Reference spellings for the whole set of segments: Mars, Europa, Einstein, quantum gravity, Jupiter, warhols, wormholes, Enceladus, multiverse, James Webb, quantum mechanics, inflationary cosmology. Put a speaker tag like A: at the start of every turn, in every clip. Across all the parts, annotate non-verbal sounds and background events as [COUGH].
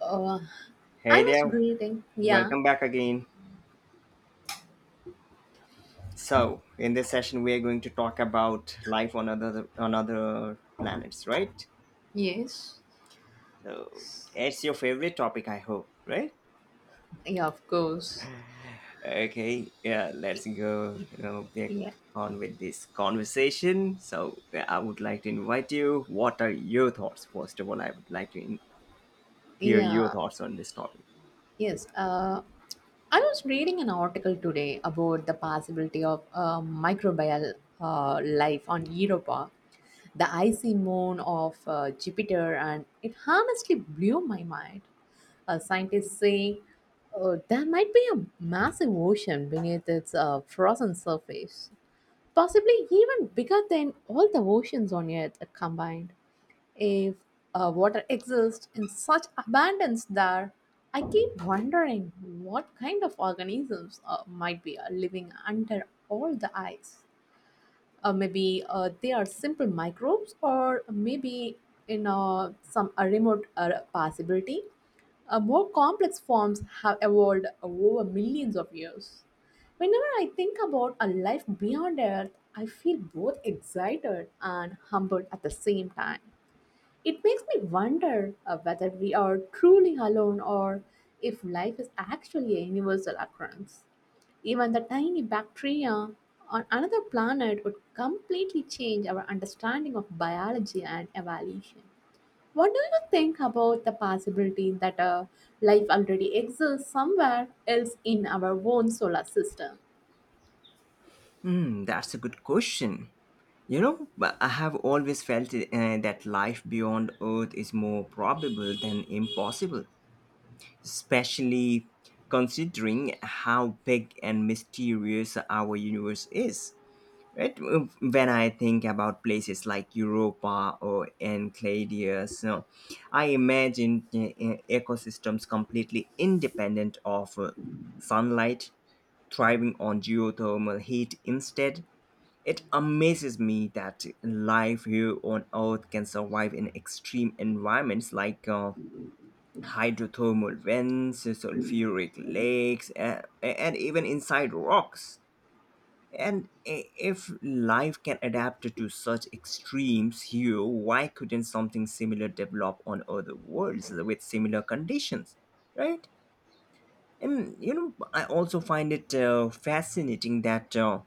A: Uh, I
B: Hey
A: was
B: there,
A: breathing. Yeah.
B: welcome back again. So, in this session, we are going to talk about life on other planets, right?
A: Yes.
B: So, it's your favorite topic, I hope, right?
A: Yeah, of course.
B: Okay, yeah, let's get
A: Yeah.
B: on with this conversation. So, I would like to invite you. What are your thoughts? First of all, I would like to hear your
A: Yeah.
B: thoughts on this topic.
A: Yes. I was reading an article today about the possibility of microbial life on Europa, the icy moon of Jupiter, and it honestly blew my mind. Scientists say there might be a massive ocean beneath its frozen surface, possibly even bigger than all the oceans on Earth combined. If water exists in such abundance there, I keep wondering what kind of organisms might be living under all the ice. Maybe they are simple microbes, or maybe in some remote possibility, more complex forms have evolved over millions of years. Whenever I think about a life beyond Earth, I feel both excited and humbled at the same time. It makes me wonder whether we are truly alone or if life is actually a universal occurrence. Even the tiny bacteria on another planet would completely change our understanding of biology and evolution. What do you think about the possibility that life already exists somewhere else in our own solar system?
B: Hmm, that's a good question. You know, but I have always felt that life beyond Earth is more probable than impossible, especially considering how big and mysterious our universe is. Right? When I think about places like Europa or Enceladus, so I imagine ecosystems completely independent of sunlight, thriving on geothermal heat instead. It amazes me that life here on Earth can survive in extreme environments like hydrothermal vents, sulfuric lakes, and even inside rocks. And if life can adapt to such extremes here, why couldn't something similar develop on other worlds with similar conditions, right? And you know, I also find it fascinating that.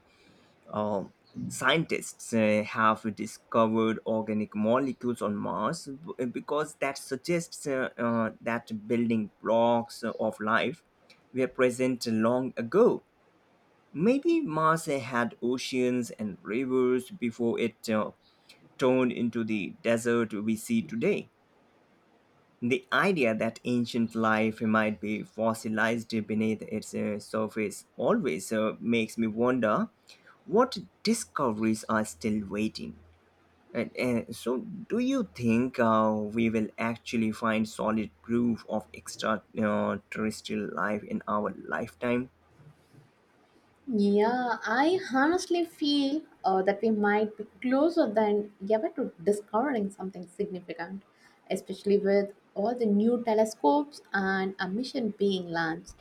B: uh, Scientists have discovered organic molecules on Mars because that suggests that building blocks of life were present long ago. Maybe Mars had oceans and rivers before it turned into the desert we see today. The idea that ancient life might be fossilized beneath its surface always makes me wonder what discoveries are still waiting. So, do you think we will actually find solid proof of extraterrestrial life in our lifetime?
A: Yeah, I honestly feel that we might be closer than ever to discovering something significant, especially with all the new telescopes and a mission being launched.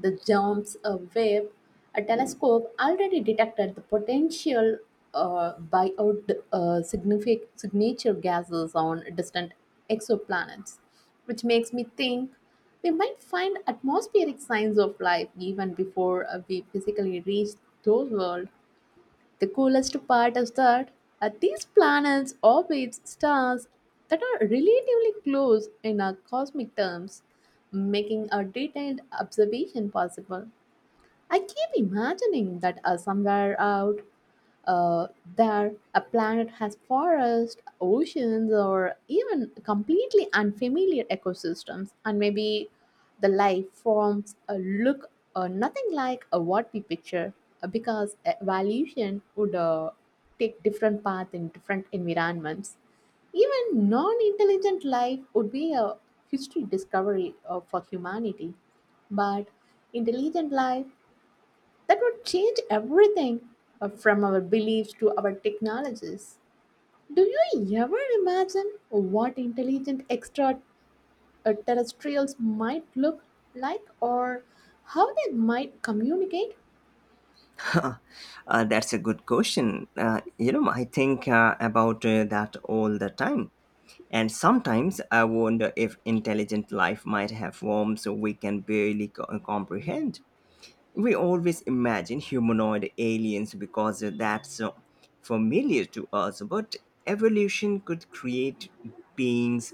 A: The James Webb, a telescope, already detected the potential buyout signature gases on distant exoplanets, which makes me think we might find atmospheric signs of life even before we physically reach those worlds. The coolest part is that these planets orbit stars that are relatively close in our cosmic terms, making a detailed observation possible. I keep imagining that somewhere out uh, there, a planet has forests, oceans, or even completely unfamiliar ecosystems, and maybe the life forms look nothing like what we picture because evolution would take different paths in different environments. Even non-intelligent life would be a history discovery for humanity, but intelligent life, that would change everything from our beliefs to our technologies. Do you ever imagine what intelligent extraterrestrials might look like or how they might communicate?
B: [LAUGHS] That's a good question. I think about that all the time. And sometimes I wonder if intelligent life might have forms we can barely comprehend. We always imagine humanoid aliens because that's familiar to us, but evolution could create beings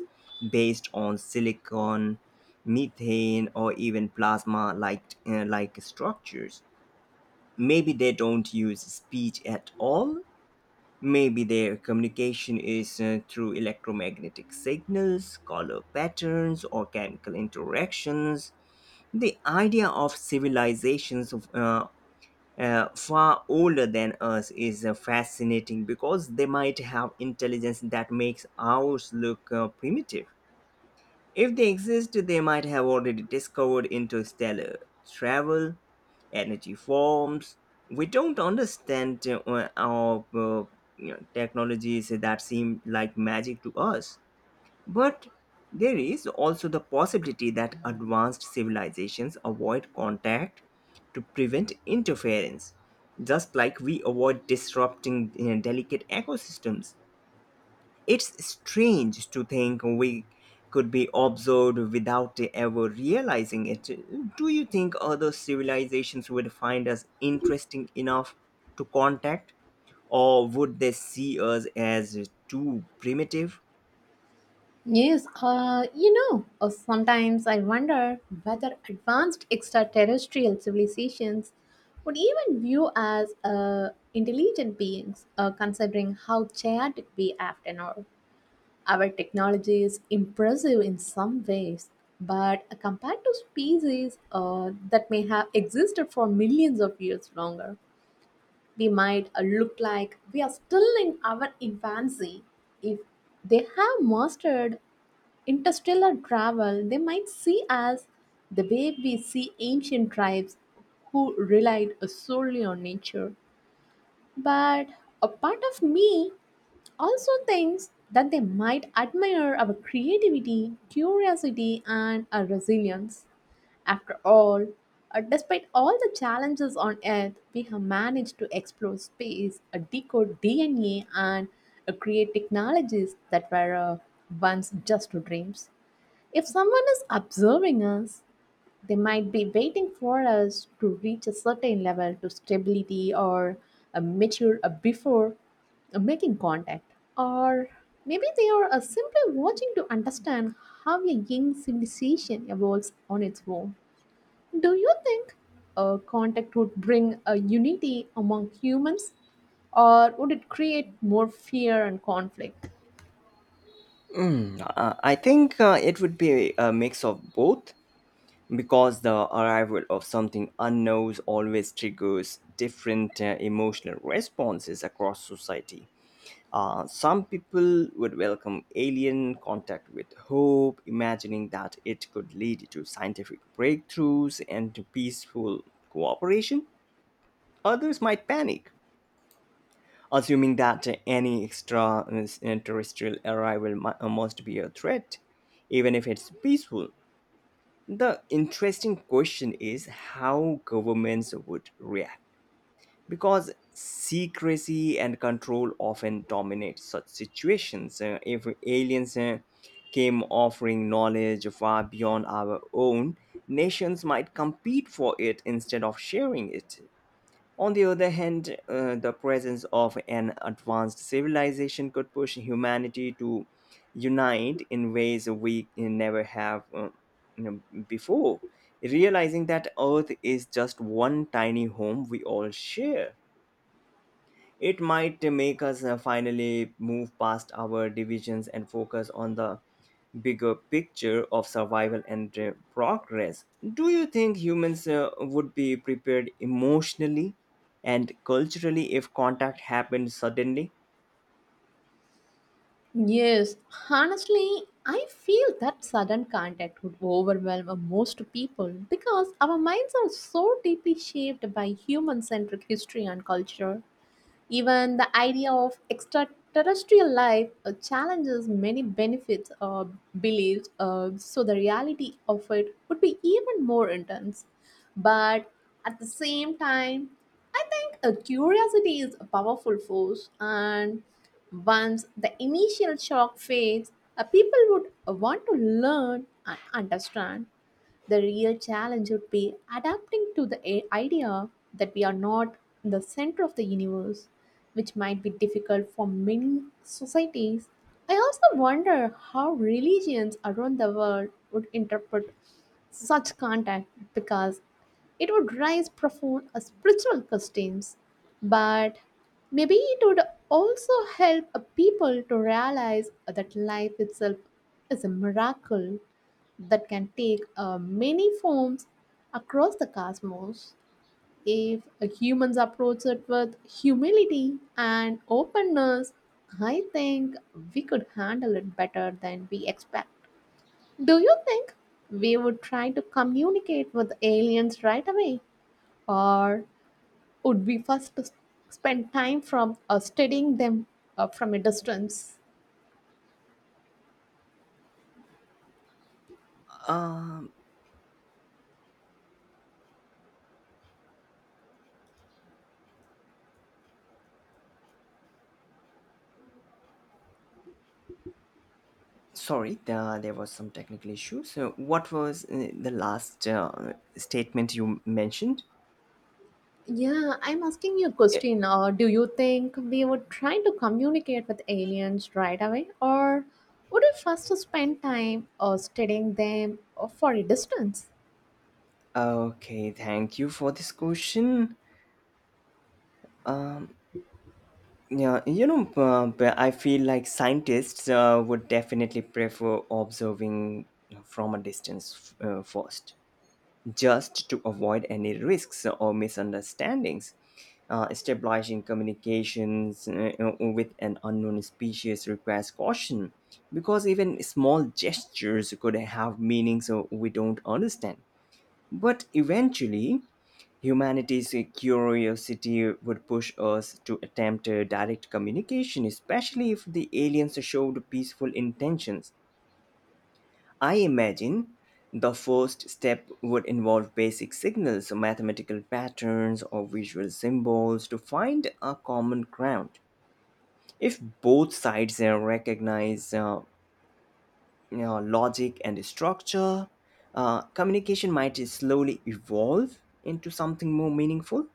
B: based on silicon, methane, or even plasma like structures. Maybe they don't use speech at all. Maybe their communication is through electromagnetic signals, color patterns, or chemical interactions. The idea of civilizations far older than us is fascinating because they might have intelligence that makes ours look primitive. If they exist, they might have already discovered interstellar travel, energy forms we don't understand, technologies that seem like magic to us. But there is also the possibility that advanced civilizations avoid contact to prevent interference, just like we avoid disrupting, you know, delicate ecosystems. It's strange to think we could be observed without ever realizing it. Do you think other civilizations would find us interesting enough to contact, or would they see us as too primitive?
A: Yes, sometimes I wonder whether advanced extraterrestrial civilizations would even view us intelligent beings, considering how chaotic we often are. Our technology is impressive in some ways, but compared to species that may have existed for millions of years longer, we might look like we are still in our infancy. If they have mastered interstellar travel, they might see us the way we see ancient tribes who relied solely on nature. But a part of me also thinks that they might admire our creativity, curiosity, and our resilience. After all, despite all the challenges on Earth, we have managed to explore space, decode DNA, and create technologies that were once just dreams. If someone is observing us, they might be waiting for us to reach a certain level to stability or a mature before making contact. Or maybe they are simply watching to understand how a young civilization evolves on its own. Do you think a contact would bring a unity among humans or would it create more fear and conflict?
B: I think it would be a mix of both, because the arrival of something unknown always triggers different emotional responses across society. Some people would welcome alien contact with hope, imagining that it could lead to scientific breakthroughs and to peaceful cooperation. Others might panic, assuming that any extraterrestrial arrival must be a threat, even if it's peaceful. The interesting question is how governments would react, because secrecy and control often dominate such situations. If aliens came offering knowledge far beyond our own, nations might compete for it instead of sharing it. On the other hand, the presence of an advanced civilization could push humanity to unite in ways we never have before, realizing that Earth is just one tiny home we all share. It might make us finally move past our divisions and focus on the bigger picture of survival and progress. Do you think humans would be prepared emotionally and culturally if contact happened suddenly?
A: Yes, honestly, I feel that sudden contact would overwhelm most people because our minds are so deeply shaped by human centric history and culture. Even the idea of extraterrestrial life challenges many benefits or beliefs, so the reality of it would be even more intense. But at the same time, I think a curiosity is a powerful force, and once the initial shock fades, people would want to learn and understand. The real challenge would be adapting to the idea that we are not the center of the universe, which might be difficult for many societies. I also wonder how religions around the world would interpret such contact because it would raise profound spiritual questions, but maybe it would also help people to realize that life itself is a miracle that can take many forms across the cosmos. If humans approach it with humility and openness, I think we could handle it better than we expect. Do you think we would try to communicate with aliens right away, or would we first spend time from studying them from a distance?
B: Um, Sorry, there was some technical issue. So, what was the last statement you mentioned?
A: Yeah, I'm asking you a
B: Yeah.
A: question. Do you think we would try to communicate with aliens right away, or would we first spend time studying them for a distance?
B: Okay, thank you for this question. Um, but I feel like scientists would definitely prefer observing from a distance first, just to avoid any risks or misunderstandings. Establishing communications with an unknown species requires caution because even small gestures could have meanings we don't understand. But eventually, humanity's curiosity would push us to attempt direct communication, especially if the aliens showed peaceful intentions. I imagine the first step would involve basic signals, mathematical patterns, or visual symbols to find a common ground. If both sides recognize logic and structure, communication might slowly evolve into something more meaningful.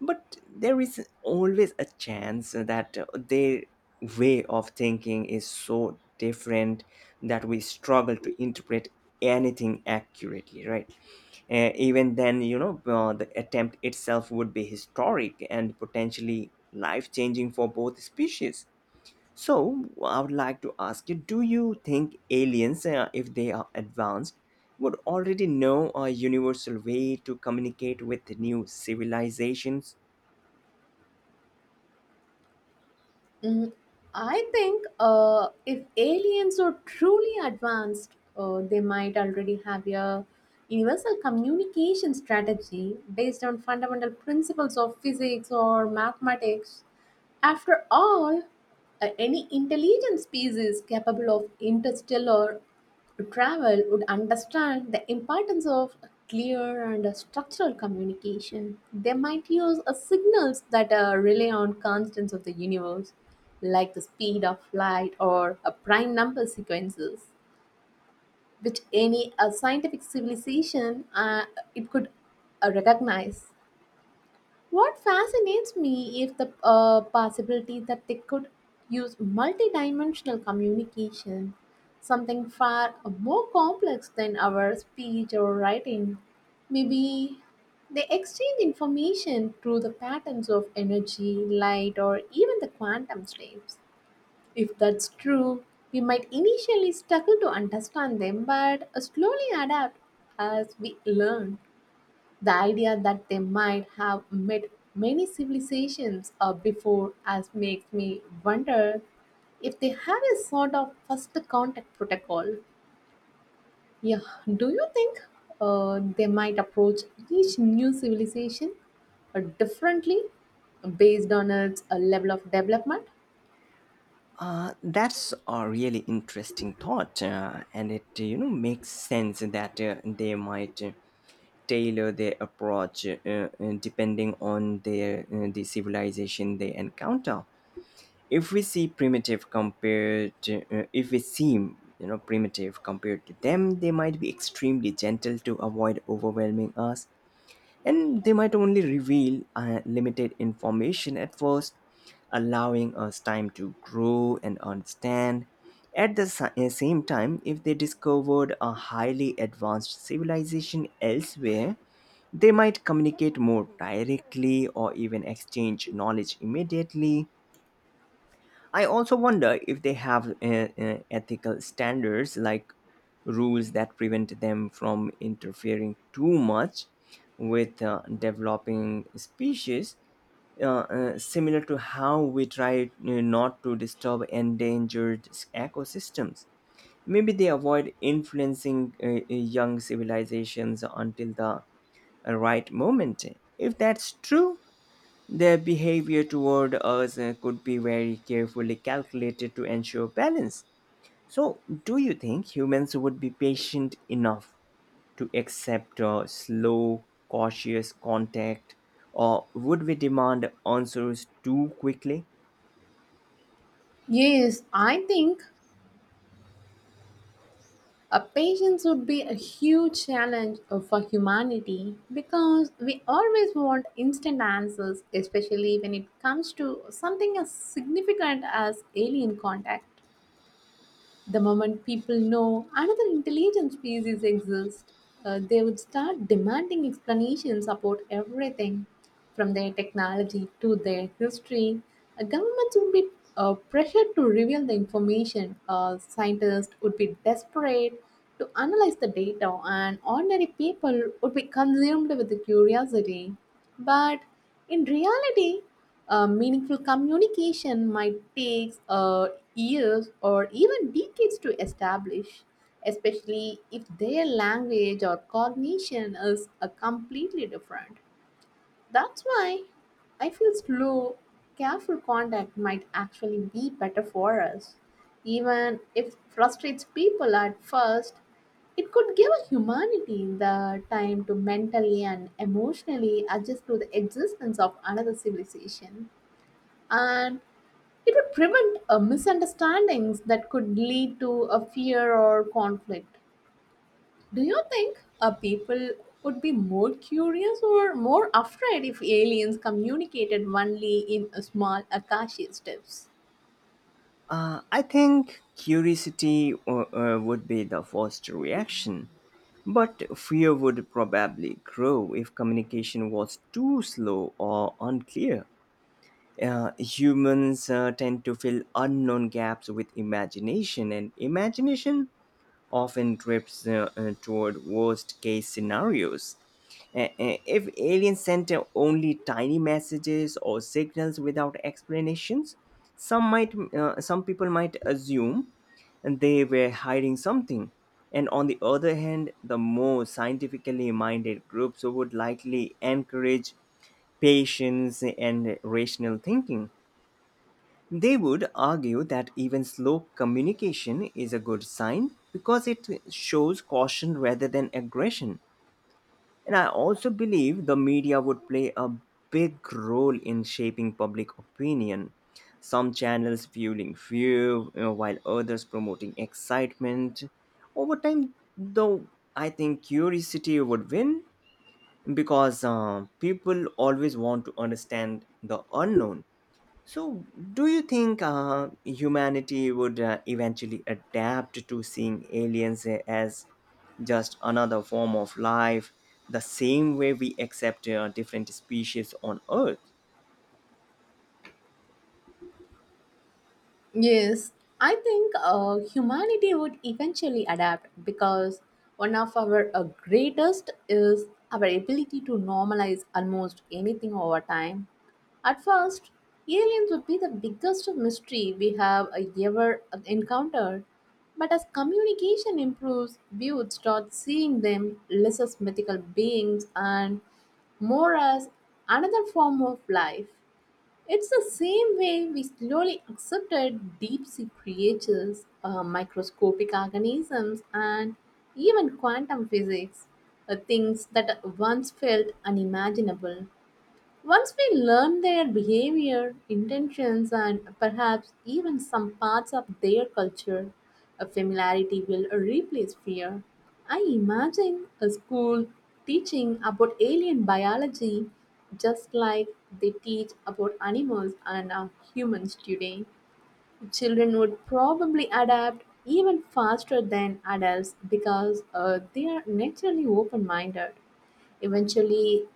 B: But there is always a chance that their way of thinking is so different that we struggle to interpret anything accurately, right? Even then, the attempt itself would be historic and potentially life changing for both species. So, I would like to ask you, do you think aliens, if they are advanced, would already know a universal way to communicate with new civilizations?
A: Mm, I think if aliens are truly advanced, they might already have a universal communication strategy based on fundamental principles of physics or mathematics. After all, any intelligent species capable of interstellar travel would understand the importance of clear and structural communication. They might use signals that rely on constants of the universe, like the speed of light or prime number sequences, which any scientific civilization it could recognize. What fascinates me is the possibility that they could use multidimensional communication, something far more complex than our speech or writing. Maybe they exchange information through the patterns of energy, light, or even the quantum states. If that's true, we might initially struggle to understand them but slowly adapt as we learn. The idea that they might have met many civilizations before as makes me wonder if they had a sort of first contact protocol. Yeah, do you think they might approach each new civilization differently based on its level of development?
B: That's a really interesting thought, and it makes sense that they might tailor their approach, depending on the civilization they encounter. If we see primitive compared to, If we seem, you know, primitive compared to them, they might be extremely gentle to avoid overwhelming us, and they might only reveal limited information at first, allowing us time to grow and understand. At the same time, if they discovered a highly advanced civilization elsewhere, they might communicate more directly or even exchange knowledge immediately. I also wonder if they have ethical standards, like rules that prevent them from interfering too much with developing species, similar to how we try not to disturb endangered ecosystems. Maybe they avoid influencing young civilizations until the right moment. If that's true, their behavior toward us could be very carefully calculated to ensure balance. So, do you think humans would be patient enough to accept slow, cautious contact, or would we demand answers too quickly?
A: Yes, I think a patience would be a huge challenge for humanity because we always want instant answers, especially when it comes to something as significant as alien contact. The moment people know another intelligent species exists, they would start demanding explanations about everything, from their technology to their history. Governments would be pressured to reveal the information. Scientists would be desperate to analyze the data, and ordinary people would be consumed with the curiosity. But in reality, meaningful communication might take years or even decades to establish, especially if their language or cognition is completely different. That's why I feel slow, careful contact might actually be better for us. Even if it frustrates people at first, it could give humanity the time to mentally and emotionally adjust to the existence of another civilization, and it would prevent misunderstandings that could lead to a fear or conflict. Do you think people would be more curious or more afraid if aliens communicated only in a small Akashi steps?
B: I think curiosity would be the first reaction, but fear would probably grow if communication was too slow or unclear. Humans tend to fill unknown gaps with imagination, and imagination often drifts toward worst case scenarios. If aliens sent only tiny messages or signals without explanations, some people might assume they were hiding something. And on the other hand, the more scientifically minded groups would likely encourage patience and rational thinking. They would argue that even slow communication is a good sign because it shows caution rather than aggression. And I also believe the media would play a big role in shaping public opinion, some channels fueling fear, you know, while others promoting excitement. Over time, though, I think curiosity would win because people always want to understand the unknown. So, do you think humanity would eventually adapt to seeing aliens as just another form of life, the same way we accept different species on Earth?
A: Yes, I think humanity would eventually adapt because one of our greatest is our ability to normalize almost anything over time. At first, aliens would be the biggest mystery we have ever encountered, but as communication improves, we would start seeing them less as mythical beings and more as another form of life. It's the same way we slowly accepted deep sea creatures, microscopic organisms, and even quantum physics, things that once felt unimaginable. Once we learn their behavior, intentions, and perhaps even some parts of their culture, a familiarity will replace fear. I imagine a school teaching about alien biology just like they teach about animals and humans today. Children would probably adapt even faster than adults because they are naturally open minded. Eventually,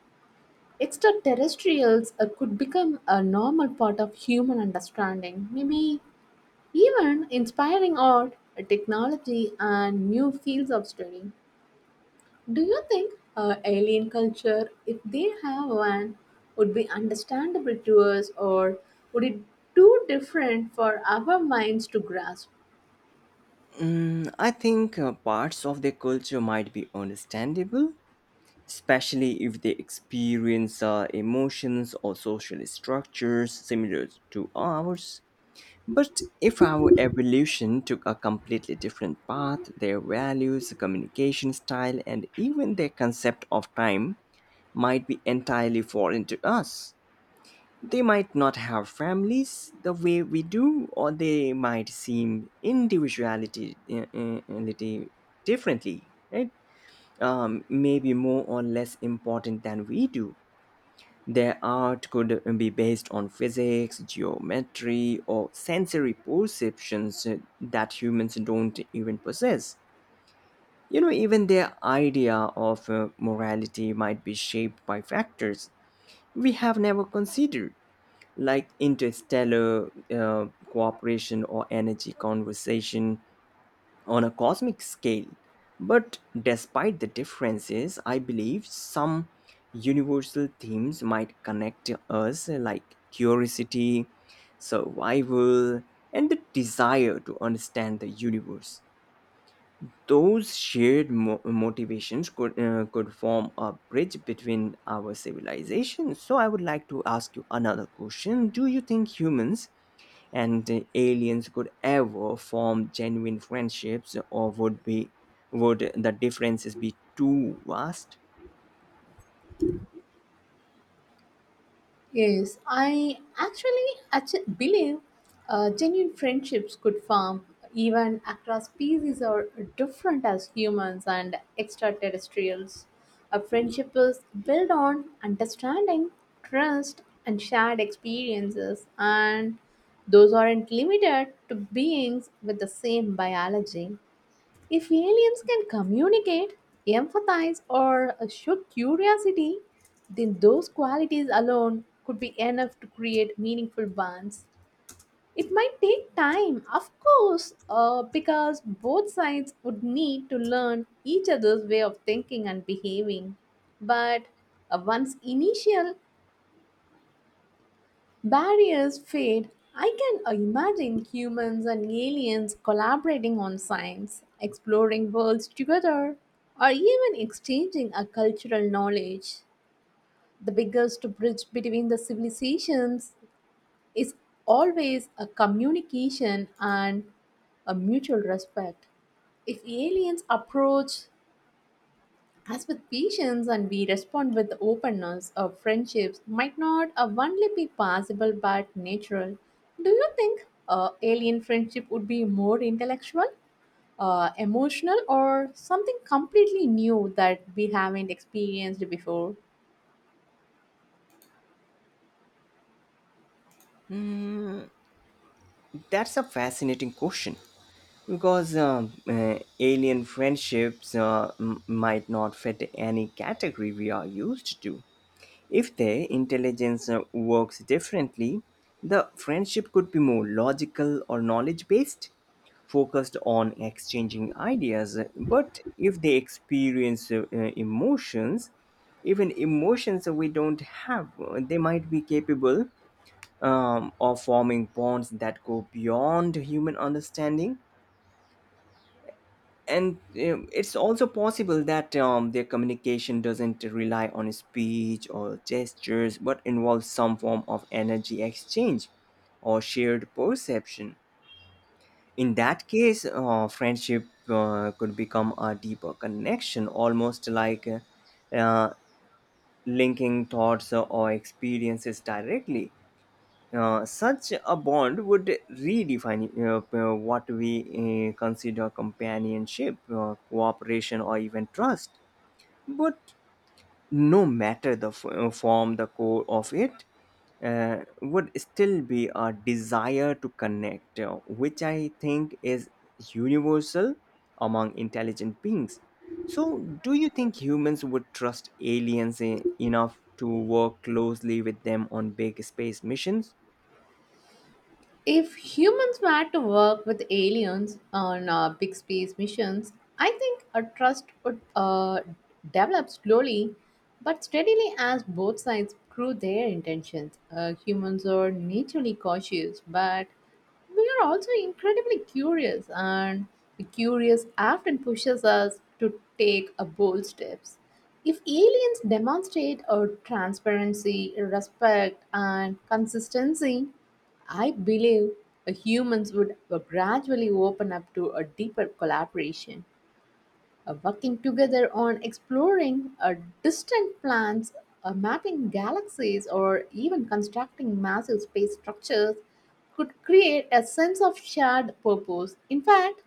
A: extraterrestrials could become a normal part of human understanding, maybe even inspiring art, technology, and new fields of study. Do you think alien culture, if they have one, would be understandable to us, or would it too different for our minds to grasp?
B: Mm, I think parts of their culture might be understandable, especially if they experience emotions or social structures similar to ours. But if our evolution took a completely different path, their values, communication style, and even their concept of time might be entirely foreign to us. They might not have families the way we do, or they might seem individuality, reality differently, right? Maybe more or less important than we do. Their art could be based on physics, geometry, or sensory perceptions that humans don't even possess. You know, even their idea of morality might be shaped by factors we have never considered, like interstellar cooperation or energy conversation on a cosmic scale. But despite the differences, I believe some universal themes might connect us, like curiosity, survival, and the desire to understand the universe. Those shared motivations could, could form a bridge between our civilizations. So, I would like to ask you another question. Do you think humans and the aliens could ever form genuine friendships, or would the differences be too vast?
A: Yes, I actually believe genuine friendships could form even across species are different as humans and extraterrestrials. A friendship is built on understanding, trust, and shared experiences, and those aren't limited to beings with the same biology. If aliens can communicate, empathize, or show curiosity, then those qualities alone could be enough to create meaningful bonds. It might take time, of course, because both sides would need to learn each other's way of thinking and behaving. But once initial barriers fade, I can imagine humans and aliens collaborating on science, exploring worlds together, or even exchanging a cultural knowledge. The biggest bridge between the civilizations is always a communication and a mutual respect. If aliens approach as with patience, and we respond with openness, our friendships might not only be possible but natural. Do you think alien friendship would be more intellectual, emotional, or something completely new that we haven't experienced before?
B: That's a fascinating question because alien friendships might not fit any category we are used to. If their intelligence works differently, the friendship could be more logical or knowledge based, focused on exchanging ideas. But if they experience emotions, even emotions we don't have, they might be capable of forming bonds that go beyond human understanding. And it's also possible that their communication doesn't rely on speech or gestures, but involves some form of energy exchange or shared perception. In that case, friendship could become a deeper connection, almost like uh, linking thoughts or experiences directly. Uh, such a bond would redefine what we consider companionship, cooperation, or even trust. But no matter the form, the core of it would still be a desire to connect, which I think is universal among intelligent beings. So, do you think humans would trust aliens enough to work closely with them on big space missions?
A: If humans were to work with aliens on big space missions, I think a trust would develop slowly but steadily as both sides prove their intentions. Humans are naturally cautious but we are also incredibly curious, and the curious often pushes us to take a bold steps. If aliens demonstrate our transparency, respect, and consistency, I believe humans would gradually open up to a deeper collaboration working together on exploring distant planets, mapping galaxies, or even constructing massive space structures could create a sense of shared purpose. In fact,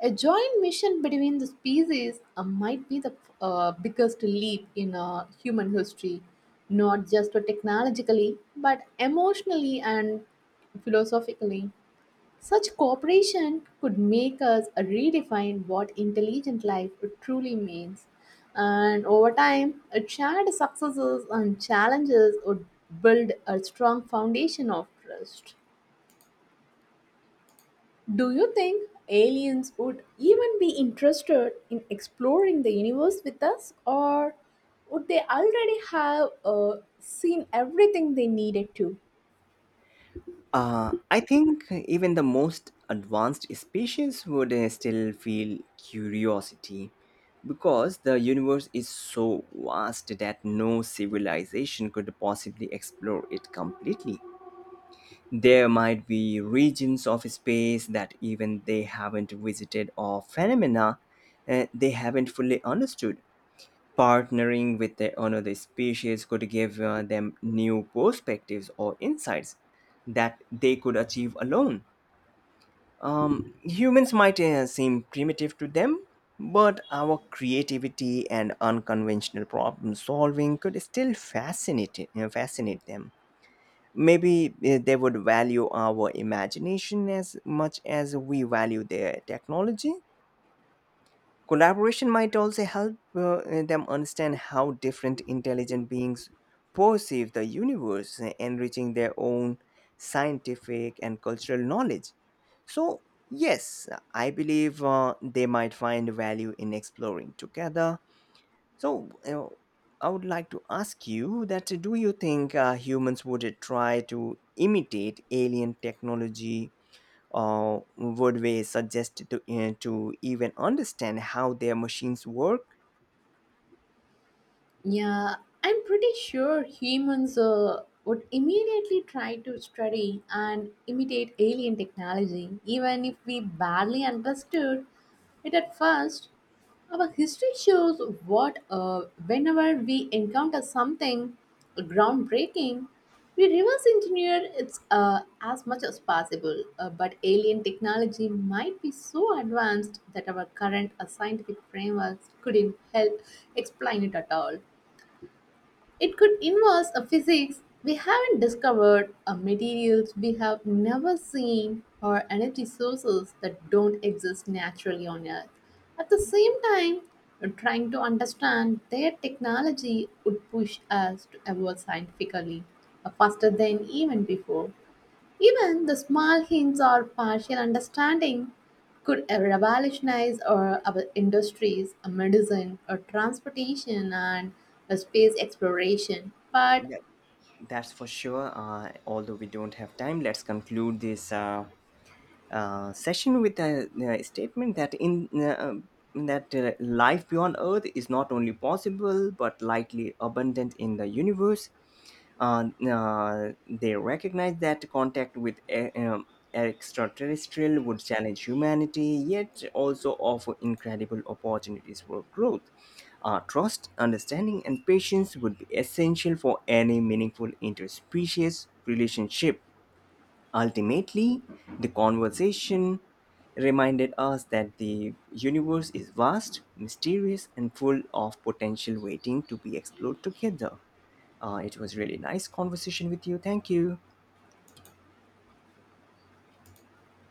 A: a joint mission between the species might be the biggest leap in human history, not just technologically, but emotionally and philosophically. Such cooperation could make us redefine what intelligent life truly means. And over time, shared successes and challenges would build a strong foundation of trust. Do you think aliens would even be interested in exploring the universe with us, or would they already have seen everything they needed to?
B: I think even the most advanced species would still feel curiosity because the universe is so vast that no civilization could possibly explore it completely. There might be regions of space that even they haven't visited, or phenomena they haven't fully understood. Partnering with another species could give them new perspectives or insights that they could achieve alone. Humans might seem primitive to them, but our creativity and unconventional problem solving could still fascinate them. Maybe they would value our imagination as much as we value their technology. Collaboration might also help them understand how different intelligent beings perceive the universe, enriching their own scientific and cultural knowledge. So, yes, I believe they might find value in exploring together. So, you know, I would like to ask you that do you think humans would try to imitate alien technology? Uh, would we suggest to even understand how their machines work?
A: Yeah, I'm pretty sure humans would immediately try to study and imitate alien technology, even if we barely understood it at first. Our history shows what whenever we encounter something groundbreaking, we reverse engineer it as much as possible. But alien technology might be so advanced that our current scientific frameworks couldn't help explain it at all. It could involve a physics we haven't discovered, a materials we have never seen, or energy sources that don't exist naturally on Earth. At the same time, trying to understand their technology would push us to evolve scientifically faster than even before. Even the small hints or partial understanding could revolutionize our industries, medicine, or transportation, and space exploration. But
B: Yeah, that's for sure. Although we don't have time, let's conclude this session with a, statement, that life beyond Earth is not only possible but likely abundant in the universe. uh, they recognize that contact with extraterrestrial would challenge humanity, yet also offer incredible opportunities for growth. Trust, understanding, and patience would be essential for any meaningful interspecies relationship. Ultimately, the conversation reminded us that the universe is vast, mysterious, and full of potential waiting to be explored together. It was really nice conversation with you. Thank you.